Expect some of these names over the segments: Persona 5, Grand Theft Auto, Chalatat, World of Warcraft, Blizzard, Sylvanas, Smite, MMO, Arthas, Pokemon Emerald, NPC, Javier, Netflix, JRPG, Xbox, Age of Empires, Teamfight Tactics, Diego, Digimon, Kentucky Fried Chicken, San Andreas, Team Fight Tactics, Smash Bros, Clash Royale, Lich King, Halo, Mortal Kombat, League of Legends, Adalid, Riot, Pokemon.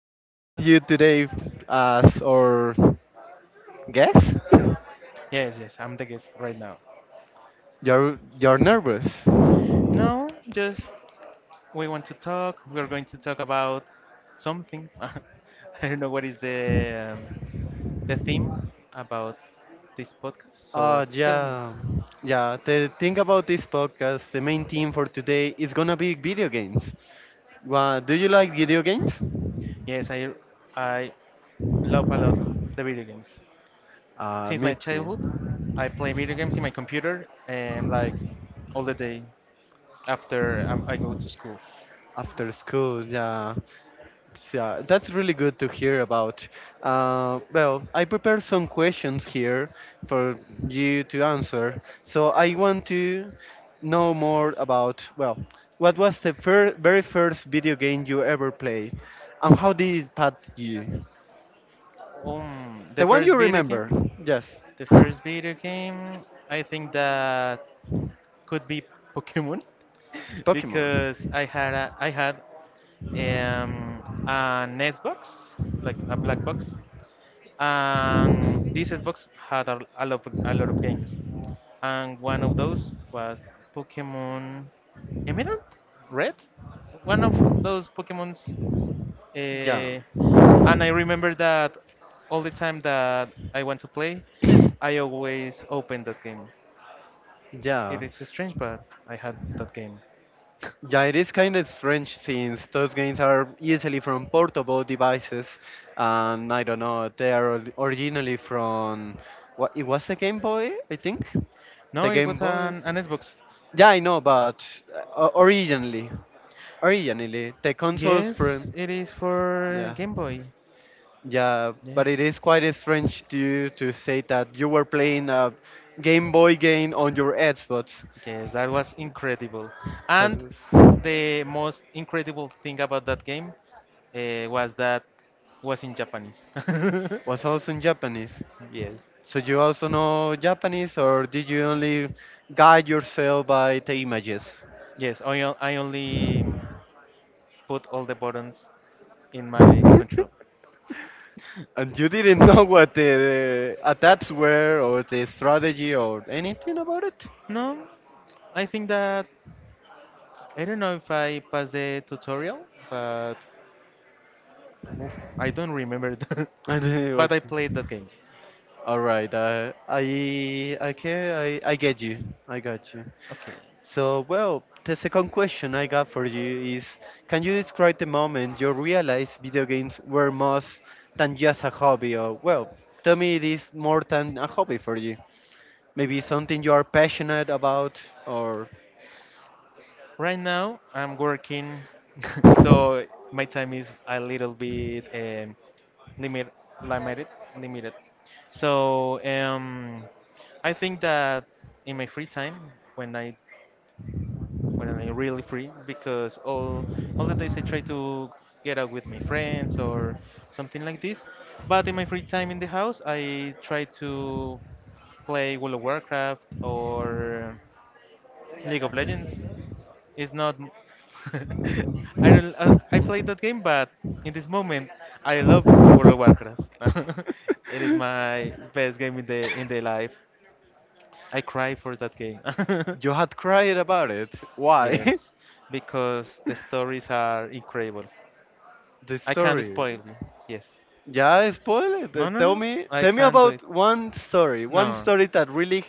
glad of having you today as our guest. Yes, I'm the guest right now. You're nervous. No, just we want to talk. We are going to talk about something. I don't know what is the the theme about this podcast. So Uh, tell me. yeah, yeah. The thing about this podcast, the main theme for today is gonna be video games. Well, do you like video games? Yes, I love a lot the video games. Since Me my too. childhood, I play video games in my computer and like all the day after I go to school. After school, yeah. Yeah, that's really good to hear about. Well, I prepared some questions here for you to answer. So I want to know more about, well, what was the very first video game you ever played, and how did it impact you? The The one you first video remember, game, yes. the first video game, I think that could be Pokemon Pokemon. because I had an Xbox, like a black box, and this Xbox had a lot of games, and one of those was Pokemon Emerald, Red, one of those Pokemons Yeah, uh, and I remember that all the time that I want to play, I always open that game. yeah. It is strange, but I had that game. Yeah, it is kind of strange since those games are usually from portable devices, and I don't know, they are originally from what it was the Game Boy, I think. No, The it Game was Boy. an Xbox. Yeah, I know, but uh, o- originally, originally the consoles Yes, from it is for yeah, Game Boy. yeah. Yeah. But it is quite strange to you to say that you were playing a Game Boy game on your Xbox. Yes, that was incredible. That And is. the most incredible thing about that game was that was in Japanese. Was also in Japanese. Yes. So you also know Japanese, or did you only guide yourself by the images? Yes, I only put all the buttons in my control. And you didn't know what the attacks were, or the strategy, or anything about it? No, I think that I don't know if I passed the tutorial, but oof, I don't remember that. And, uh, But I okay. played that game. All right, I get you. I got you. Okay. So, well, the second question I got for you is, can you describe the moment you realized video games were more than just a hobby? Or, well, tell me it is more than a hobby for you. Maybe something you are passionate about, or. Right now, I'm working, so my time is a little bit limit, limited, limited. So I think that in my free time, when I when I'm really free, because all the days I try to get out with my friends or something like this. But in my free time in the house, I try to play World of Warcraft or League of Legends. It's not. I don't. I played that game, but in this moment, I love World of Warcraft. It is my best game in the life. I cry for that game. You had cried about it. Why? Yes, because the stories are incredible. The I can't story. spoil you. Yes. Yeah, spoil it. Uh, Tell No. me, I tell me can't do it. about one No. story that really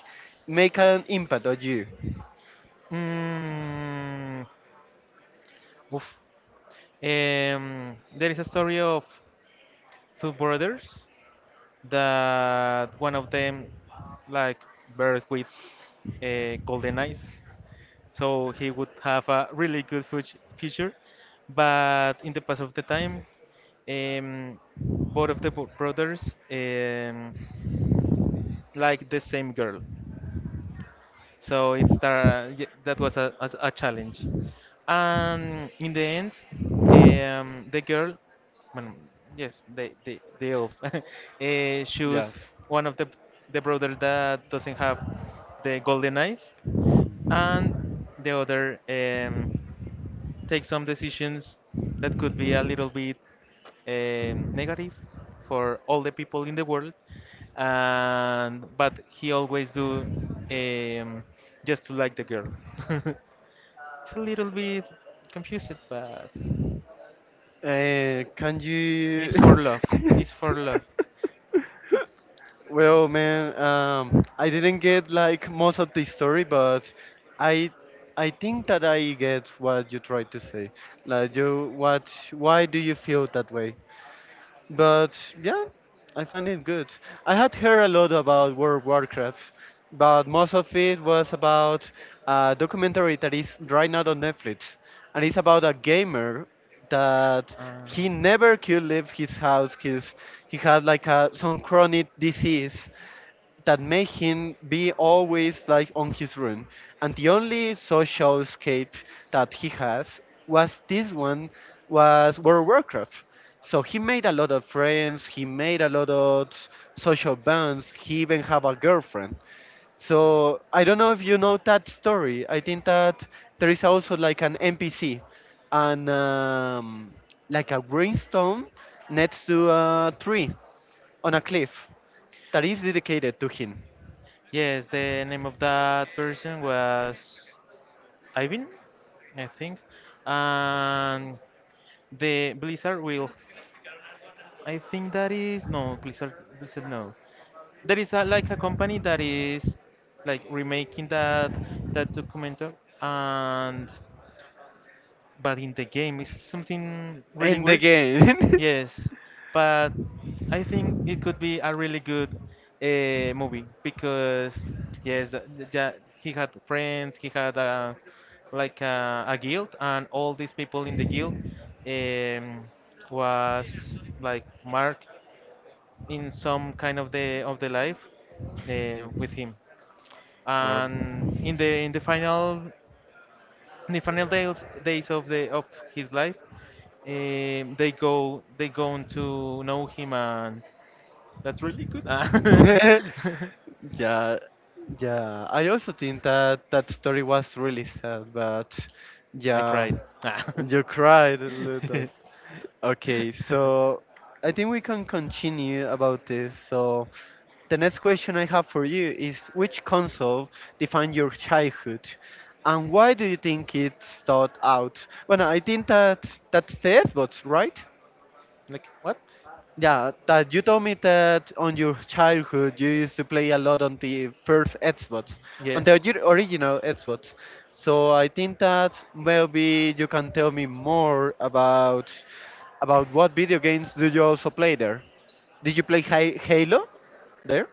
make an impact on you. Mm, oof. There is a story of two brothers that one of them like birth with golden eyes, so he would have a really good future, but in the past of the time, um, both of the brothers like the same girl. So it's that was a challenge. And in the end, the girl, well, yes, they all choose Yes. one of the brothers that doesn't have the golden eyes, and the other take some decisions that could be a little bit negative for all the people in the world, and but he always do um, just to like the girl. It's a little bit confused, but Can it's you? for love it's for love. Well, man, I didn't get like most of the story, but I I think that I get what you tried to say. Like you, what, why do you feel that way? But yeah, I find it good. I had heard a lot about World of Warcraft, but most of it was about a documentary that is right now on Netflix, and it's about a gamer that Ah. he never could leave his house because he had like a, some chronic disease that made him be always like on his room. And the only social escape that he has was this one, was World of Warcraft. So he made a lot of friends, he made a lot of social bonds, he even have a girlfriend. So I don't know if you know that story. I think that there is also like an NPC and like a greenstone next to a tree on a cliff that is dedicated to him. Yes, the name of that person was Ivan, I think. And the Blizzard will. I think that is no Blizzard. Blizzard no. There is a, like a company that is like remaking that documentary, and but in the game it's something really End the weird. game. Yes, but I think it could be a really good movie because yes, he had friends, he had like a guild, and all these people in the guild um, was like marked in some kind of the life with him. Well, And in the final in the final days of the of his life, they go to know him, and that's really good. Ah. yeah, yeah. I also think that that story was really sad, but I yeah, cried. Ah. you cried a little bit. Okay, so I think we can continue about this. So the next question I have for you is, which console defined your childhood, and why do you think it thought out? Well, I think that that's the Xbox, right? Like what? Yeah, that you told me that on your childhood you used to play a lot on the first Xbox, on Yes. the original Xbox. So I think that maybe you can tell me more about what video games do you also play there. Did you play Halo there?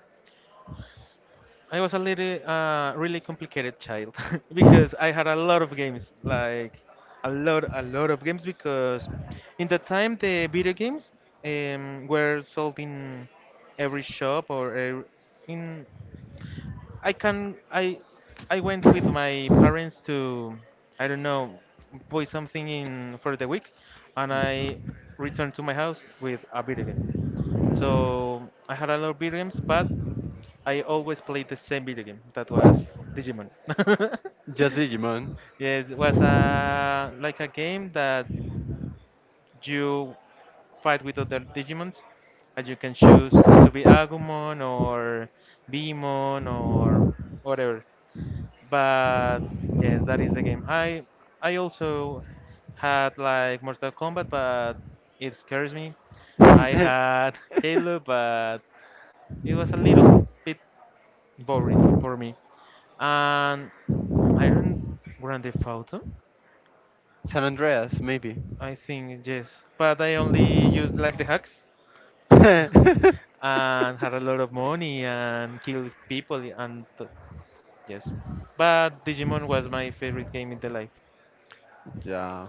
I was a little, really complicated child because I had a lot of games, like a lot of games. Because in that time, the video games were sold in every shop or ev- in I can I went with my parents to I don't know buy something in for the week, and I returned to my house with a video game. So I had a lot of video games, but I always played the same video game. That was Digimon. Just Digimon. Yes, it was a like a game that you fight with other Digimons, and you can choose to be Agumon or Beemon or whatever. But yes, that is the game. I also had like Mortal Kombat, but it scares me. I had Halo, but it was a little bit boring for me. And Iron Grand Theft Auto, San Andreas, maybe. I think yes, but I only used like the hacks and had a lot of money and killed people yes. But Digimon was my favorite game in the life. yeah.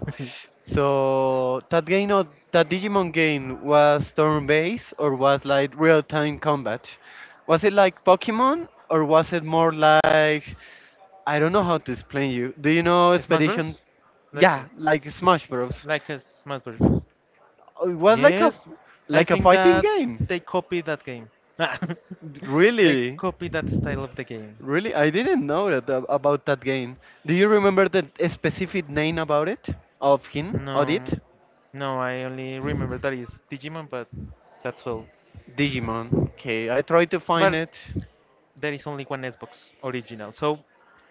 So that game, or that Digimon game, was turn-based or was like real-time combat? Was it like Pokemon or was it more like, I don't know how to explain you. Do you know Smash Expedition? Bros? Like Yeah, like Smash Bros. like a Smash Bros. It was like a, Yes, I like a think fighting that game. they copied that game. They Really? copied that style of the game. Really? I didn't know that about that game. Do you remember the specific name about it? Of him? Audit? No, No, I only remember that is Digimon, but that's all. Digimon. Okay, I tried to find But it. there is only one Xbox original, so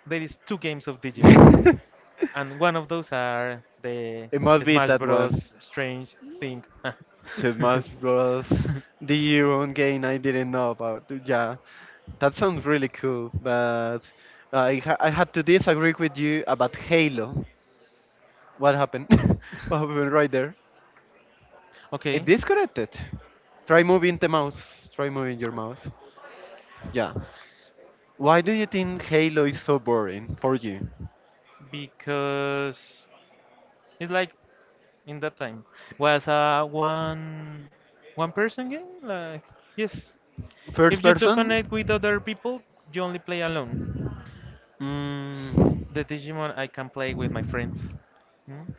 there is two games of Digimon. And one of those are the It must be Smash that one. Bros. Strange Thing. It must was the own game I didn't know about. Yeah, that sounds really cool, but I had to disagree with you about Halo. What happened? What happened right there? It Okay. disconnected. Try moving the mouse. Try moving your mouse. Yeah. Why do you think Halo is so boring for you? Because it's like in that time was a one person game. Like yes, First if you don't person? connect with other people, you only play alone. Mm, The Digimon I can play with my friends. Mm.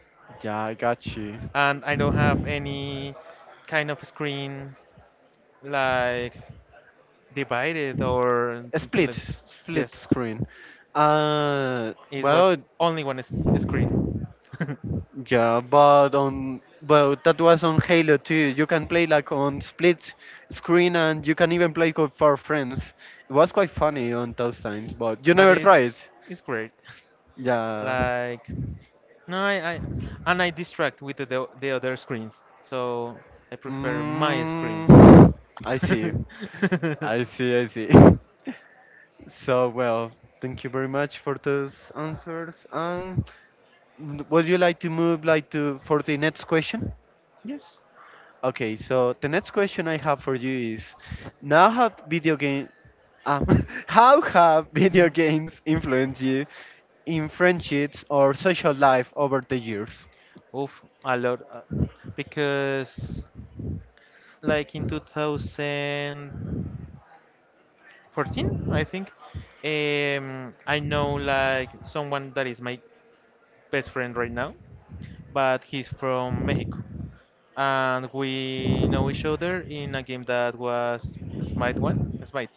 yeah, I got you. And I don't have any kind of screen like divided or something Split, like split yes screen. Uh, is what well, only screen yeah, but on, but that was on Halo too. You can play like on split screen and you can even play for friends. It was quite funny on those times, but you but never tried. It's great Yeah. like no I and I distract with the other screens, so I prefer my screen Mm, I see. I see, I see. So well, thank you very much for those answers. And would you like to move like to for the next question? yes. Okay, so the next question I have for you is, now have video game how have video games influenced you in friendships or social life over the years? Oof, a lot, because like in 2014 I think. I know like someone that is my best friend right now, but he's from Mexico. And we know each other in a game that was Smite 1? Smite.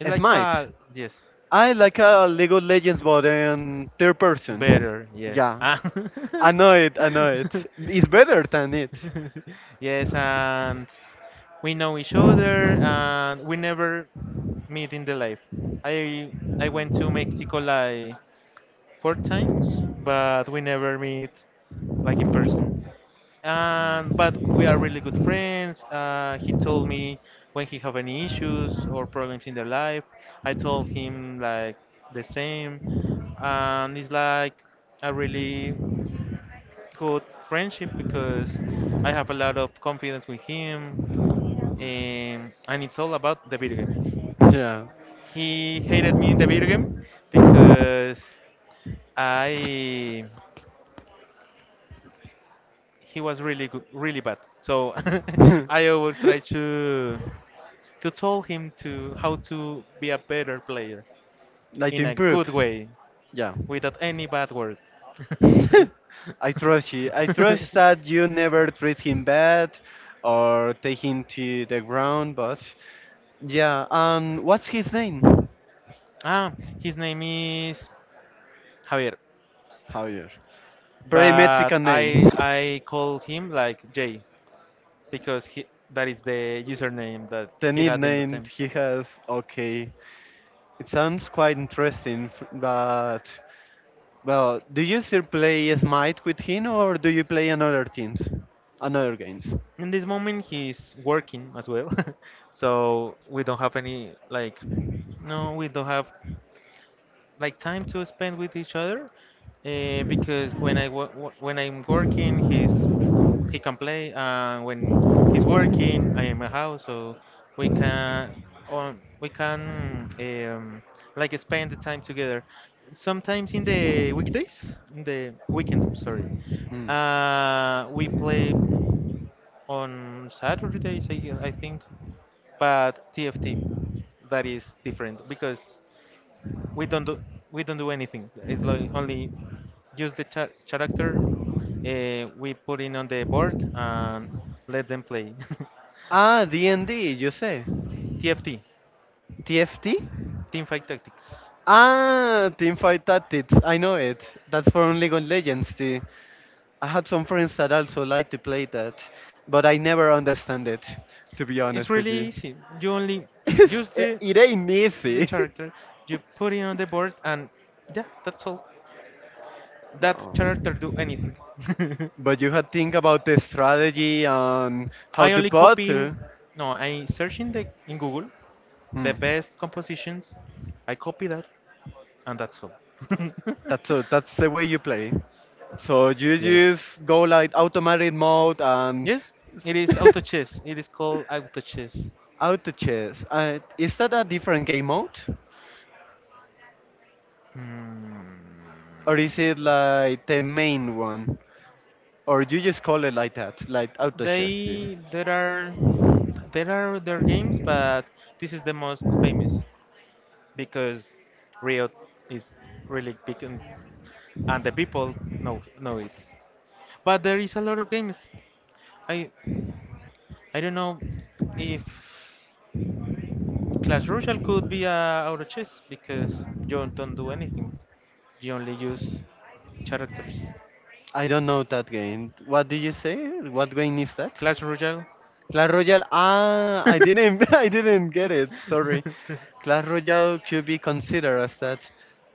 It's like Smite. a. Yes. I like a League of Legends but in third person. Better, yes. Yeah. Ah. I know it, I know it. It's better than it. Yes, and we know each other, and we never meet in the life. I went to Mm, Mexico like 4 times, but we never meet like in person. But we are really good friends. He told me when he have any issues or problems in their life. I told him like the same, and it's like a really good friendship because I have a lot of confidence with him, and it's all about the video game. yeah. He hated me in the video game because I he was really good, really bad. So I always try to tell him to how to be a better player Like to in a improve. good way Yeah. without any bad words. I trust you. I trust that you never treat him bad or take him to the ground, but yeah, what's his name? Ah, his name is Javier, Javier. Pretty but Mexican name. I call him like Jay because he that is the username that The he neat had in the name team. he has, okay. It sounds quite interesting, but well, do you still play Smite with him or do you play another teams? Another games? In this moment, he's working as well, so we don't have any like, no, we don't have like time to spend with each other, because when I when I'm working, he's he can play, and when he's working I am at house, so we can on we can like spend the time together sometimes in the weekdays in the weekends, sorry, Mm. We play on Saturdays I think. But TFT that is different because we don't do we don't do anything. It's like only use the character, we put in on the board and let them play. Ah, D, and D, yo sé. TFT, TFT. Team Fight Tactics. Ah, Teamfight Tactics. I know it. That's from League of Legends. The, I had some friends that also like to play that, but I never understand it, to be It's honest with really you. easy. You only use it, it ain't the easy. character, you put it on the board, and yeah, that's all. That No. character do anything. But you had to think about the strategy and how I to only plot. copy. No, I search in the in Google the Hmm. best compositions. I copy that, and that's all. That's a, that's the way you play. So you Yes, just go like automatic mode and Yes, it is auto chess. It is called auto chess. auto chess. Is that a different game mode? Hmm. Or is it like the main one? Or you just call it like that, like auto chess too? They there are There are other games, but this is the most famous because Riot is really big, and the people know it. But there is a lot of games. I I don't know if Clash Royale could be a auto chess because you don't do anything. You only use characters. I don't know that game. What did you say? What game is that? Clash Royale. Clash Royale. Ah, I didn't, I didn't get it. Sorry. Clash Royale could be considered as that.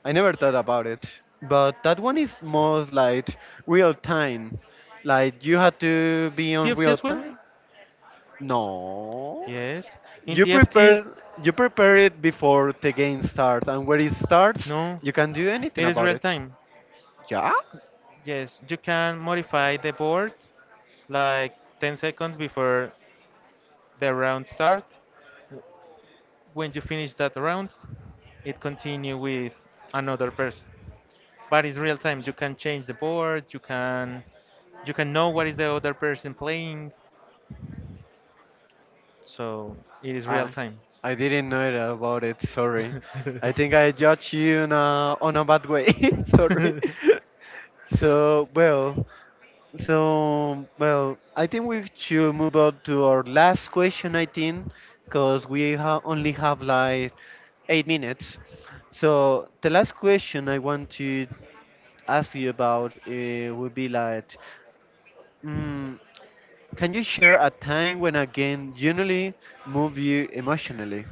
I never thought about it, but that one is more like real time. Like you had to be on TFT real as well? time. No. Yes. In You TFT, prepare you prepare it before the game starts, and when it starts, no, you can do anything it is about real it. time. Yeah? Yes, you can modify the board like 10 seconds before the round start. When you finish that round, it continue with another person. But it's real time. You can change the board. You can know what is the other person playing. So it is real I time. I didn't know it about it. Sorry. I think I judge you in a, on a bad way. Sorry. so well, so well, I think we should move on to our last question. I think because we only have like 8 minutes. So the last question I want to ask you about would be like, mm, can you share a time when a game genuinely moved you emotionally?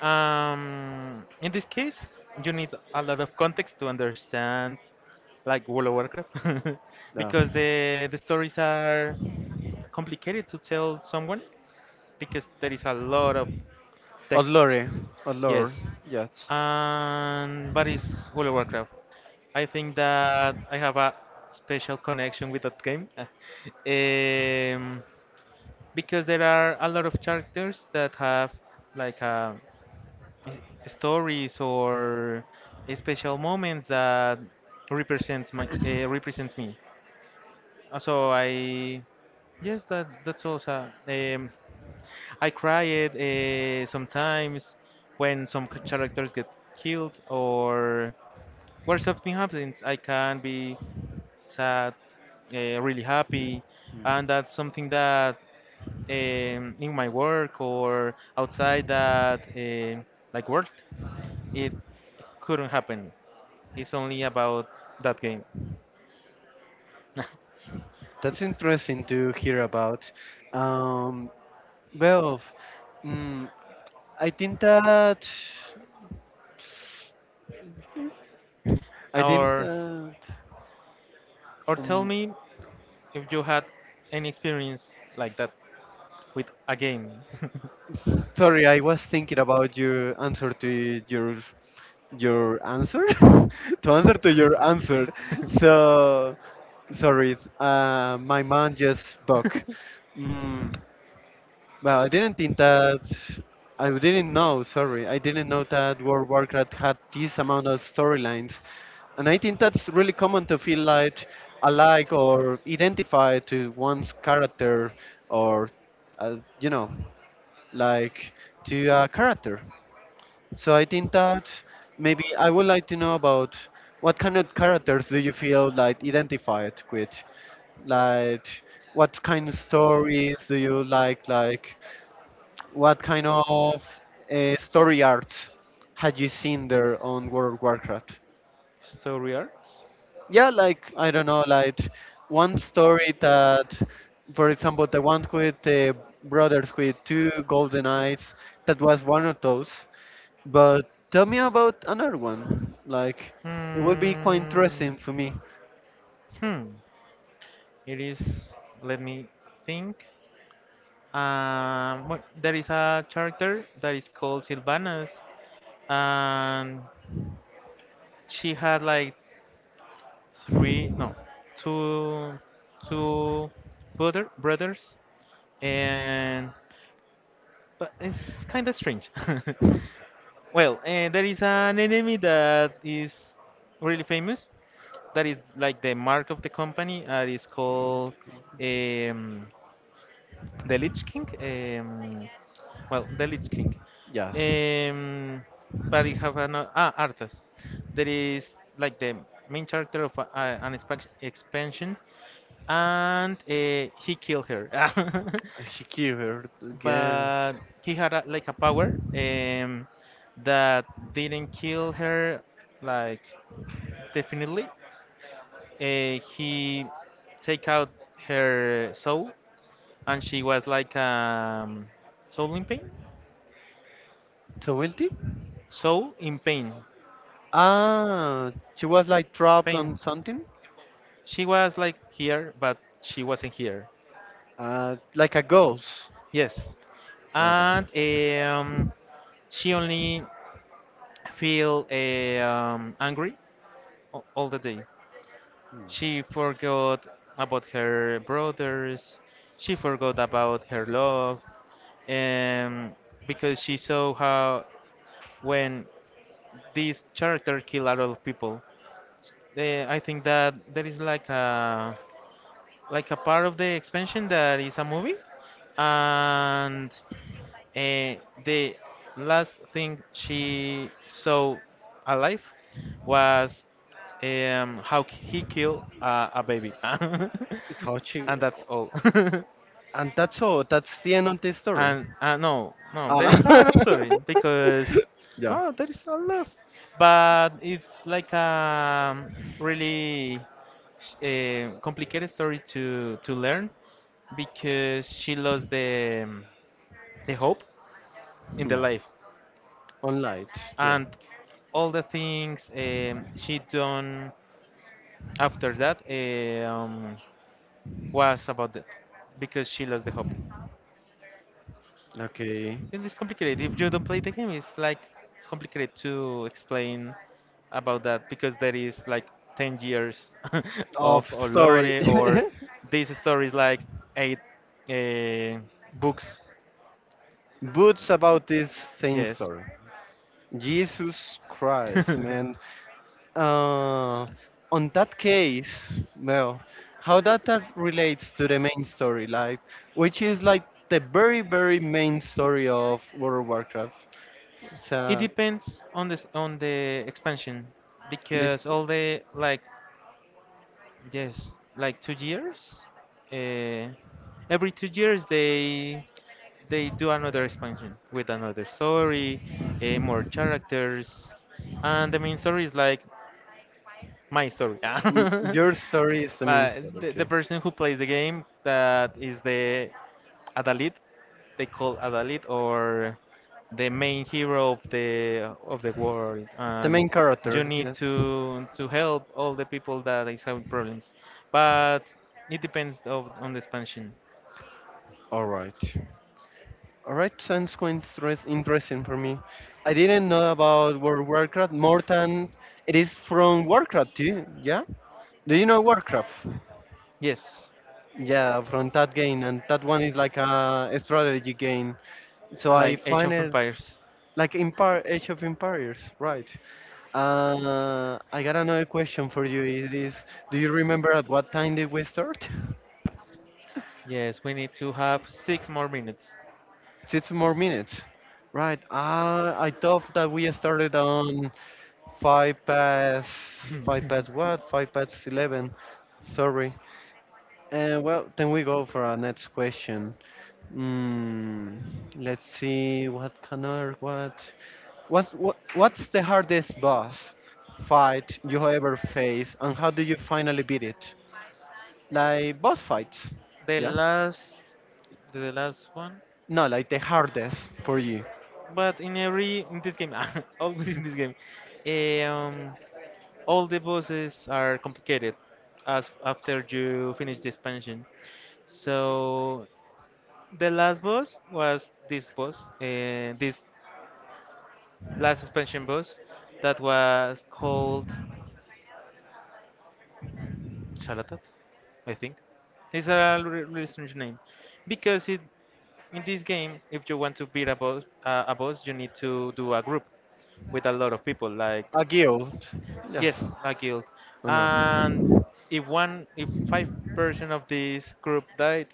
In this case, you need a lot of context to understand, like World of Warcraft, No. because the stories are complicated to tell someone because there is a lot of text. Olore, Olore, Yes, yes. and but it's World of Warcraft. I think that I have a special connection with that game. um, because there are a lot of characters that have like s- stories or special moments that represents my represents me. So I yes that that's also I cried sometimes when some characters get killed or where something happens. I can be sad, really happy, and that's something that, in my work or outside that like world, it couldn't happen. It's only about that game. That's interesting to hear about. Um, well, mm, I think that I think Or that or tell um, me if you had any experience like that with a game. Sorry, I was thinking about your answer to your answer to answer to your answer. So sorry, my mind just buck. Mm, well, I didn't think that. I didn't know. Sorry, I didn't know that World of Warcraft had this amount of storylines, and I think that's really common to feel like alike or identify to one's character or you know, like to a character. So I think that maybe I would like to know about what kind of characters do you feel like identified with? Like what kind of stories do you like? Like what kind of story art had you seen there on World of Warcraft? Story arts. Yeah, like I don't know, like one story that, for example, the one with the brothers with two golden eyes, that was one of those. But tell me about another one. Like, it would be quite Hmm. interesting for me. Hmm. It is, let me think. Well, there is a character that is called Sylvanas, and she had like three, no, two, two brothers, and but it's kind of strange. Well, there is an enemy that is really famous. That is like the mark of the company. It is called, um, the Lich King. Well, the Lich King. Yes. Um, but you have an Arthas, that is like the main character of an expansion, and he killed her. Shakira, yes. But he had like a power, that didn't kill her, like, definitely. He take out her soul and she was like, soul in pain. So guilty? Soul in pain. Ah, she was like trapped Pain. on something? She was like here, but she wasn't here. Like a ghost. Yes, and, Okay. She only feel, angry all the day. She forgot about her brothers. She forgot about her love, um, because she saw how, when this character kill a lot of people. I think that there is like a part of the expansion that is a movie, and uh, the last thing she saw alive was, how he killed a baby. How she... And that's all. And that's all. That's the end of the story. And no, no, there is a Ah. lot of story, because yeah. oh, there is a lot, but it's like a, really, complicated story to learn because she lost the hope in the Hmm. life, On light. Yeah. and all the things, she done after that, was about that because she lost the hope. Okay. It is complicated. If you don't play the game, it's like complicated to explain about that because there is like 10 years Of of story. Olore, or this story is like eight uh, books. Boots about this same Yes. story. Jesus Christ, man. Uh, on that case, well, how that, that relates to the main story, like, which is like the very main story of World of Warcraft. It So depends on this, on the expansion, this, because all the like, yes, like 2 years, uh, every 2 years they do another expansion with another story, more characters, and the main story is like my story. Like your story is the main story, the okay? person who plays the game, that is the Adalid. They call Adalid, or the main hero of the world, The and main you character, need yes. to help all the people that is having problems. But it depends on the expansion. All right. All right, sounds quite interesting for me. I didn't know about World of Warcraft more than it is from Warcraft too. Yeah. Do you know Warcraft? Yes, Yeah, from that game, and that one is like a strategy game. So I like Age find of it Empires. like Empire, Age of Empires, right? I got another question for you. It is, do you remember at what time did we start? Yes, we need to have 6 more minutes. Six more minutes, right? I thought that we started on five past, five the past what? Five past 11. Sorry. Well, then we go for our next question. Mm, let's see what Connor, what what's the hardest boss fight you ever face and how do you finally beat it? Like boss fights. Yeah? last, the last one. No, like the hardest for you. But in this game, always in this game. eh, Um, all the bosses are complicated as after you finish the expansion. So the last boss was this boss, this last expansion boss that was called Chalatat, I think. It's a really strange name because it, in this game, if you want to beat a boss, you need to do a group with a lot of people, like. A guild. Yes. Yes, a guild. Oh no. And if 5% of this group died,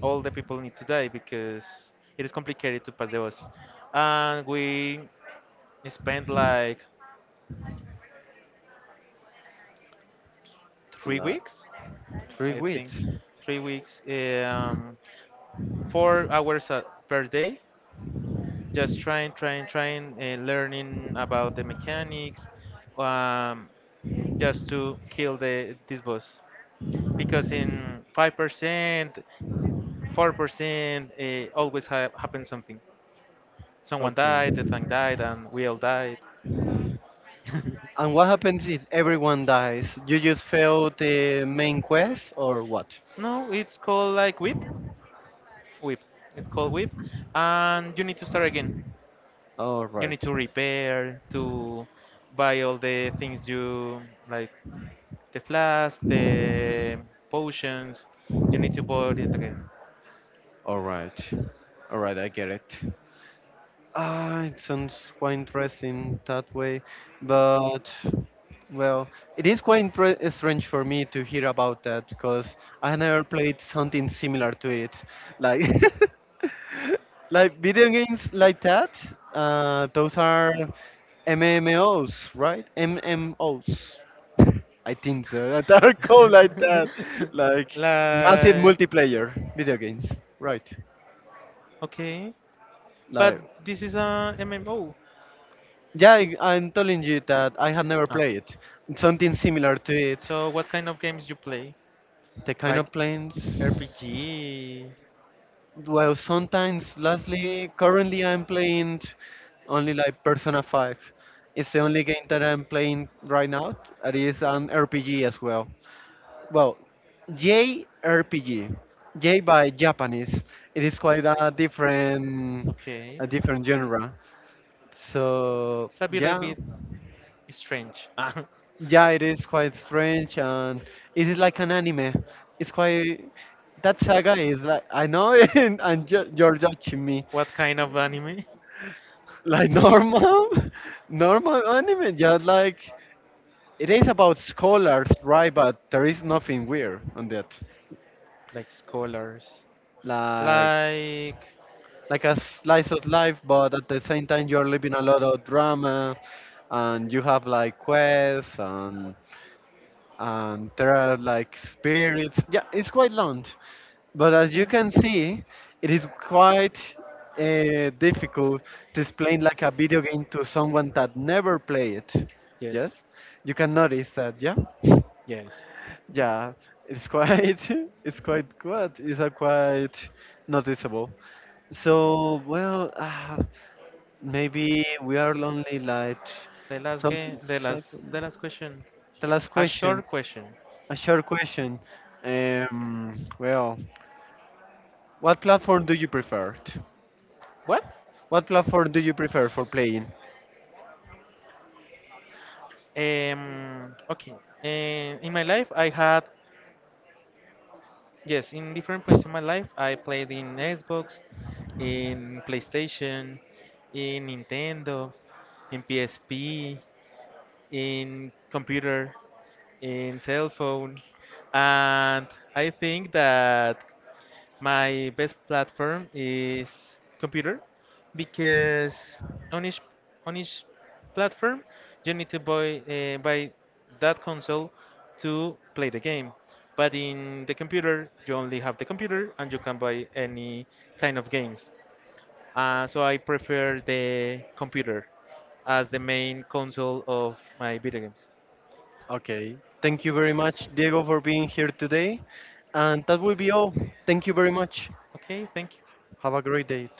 all the people need to die because it is complicated to pass the boss. And we spent like three La- weeks, three I think, weeks. 3 weeks, 4 hours per day, just trying, learning about the mechanics, um, just to kill the this boss. Because in 5%, 4%, always happens something. Someone Okay. died, the thing died, and we all died. And what happens if everyone dies? You just fail the main quest or what? No, it's called like whip, whip. It's called whip, and you need to start again. You need Alright, to repair, to buy all the things you like, the flask, the potions. You need to buy it again. alright, alright, I get it. Ah, it sounds quite interesting that way, but well, it is quite strange for me to hear about that because I never played something similar to it, like like video games like that. Those are MMOs, right? MMOs. I think so. That are called like that, like massive Like, multiplayer video games, right? okay, but Like. this is a MMO. Yeah, I'm telling you that I had never Ah. played it. It's something similar to it. So what kind of games you play? The kind Like of planes. RPG? Well, sometimes, lastly, currently I'm playing only like Persona 5. It's the only game that I'm playing right now. It is an RPG as well. Well, JRPG. J by Japanese. It is quite Okay. a different genre. So It's a little yeah. bit strange. Ah. Yeah, it is quite strange, and it is like an anime. It's quite, that saga is like I know, and you're judging me What kind of anime? like normal, normal anime. Just like it is about scholars, right? But there is nothing weird on that. Like scholars. Like Like. like a slice of life, but at the same time you're living a lot of drama, and you have like quests and there are like spirits. Yeah, it's quite long. But as you Okay. can see, it is quite difficult to explain like a video game to someone that never play it. Yes, Yes, you can notice that. Yeah, yes. yeah, it's quite, it's quite good. It's a quite noticeable. So well, maybe we are lonely. Like The last some game, the last, second. The last question. The A last question. question, Short question. a short question. Well, what platform do you prefer? What? What platform do you prefer for playing? Okay. In my life, I had, yes, in different points in my life, I played in Xbox, in PlayStation, in Nintendo, in PSP, in computer, in cell phone. And I think that my best platform is computer because on each on each platform you need to buy that console to play the game. But in the computer you only have the computer and you can buy any kind of games. So I prefer the computer as the main console of my video games. Okay. Thank you very much, Diego, for being here today. And that will be all. Thank you very much. Okay, thank you. Have a great day.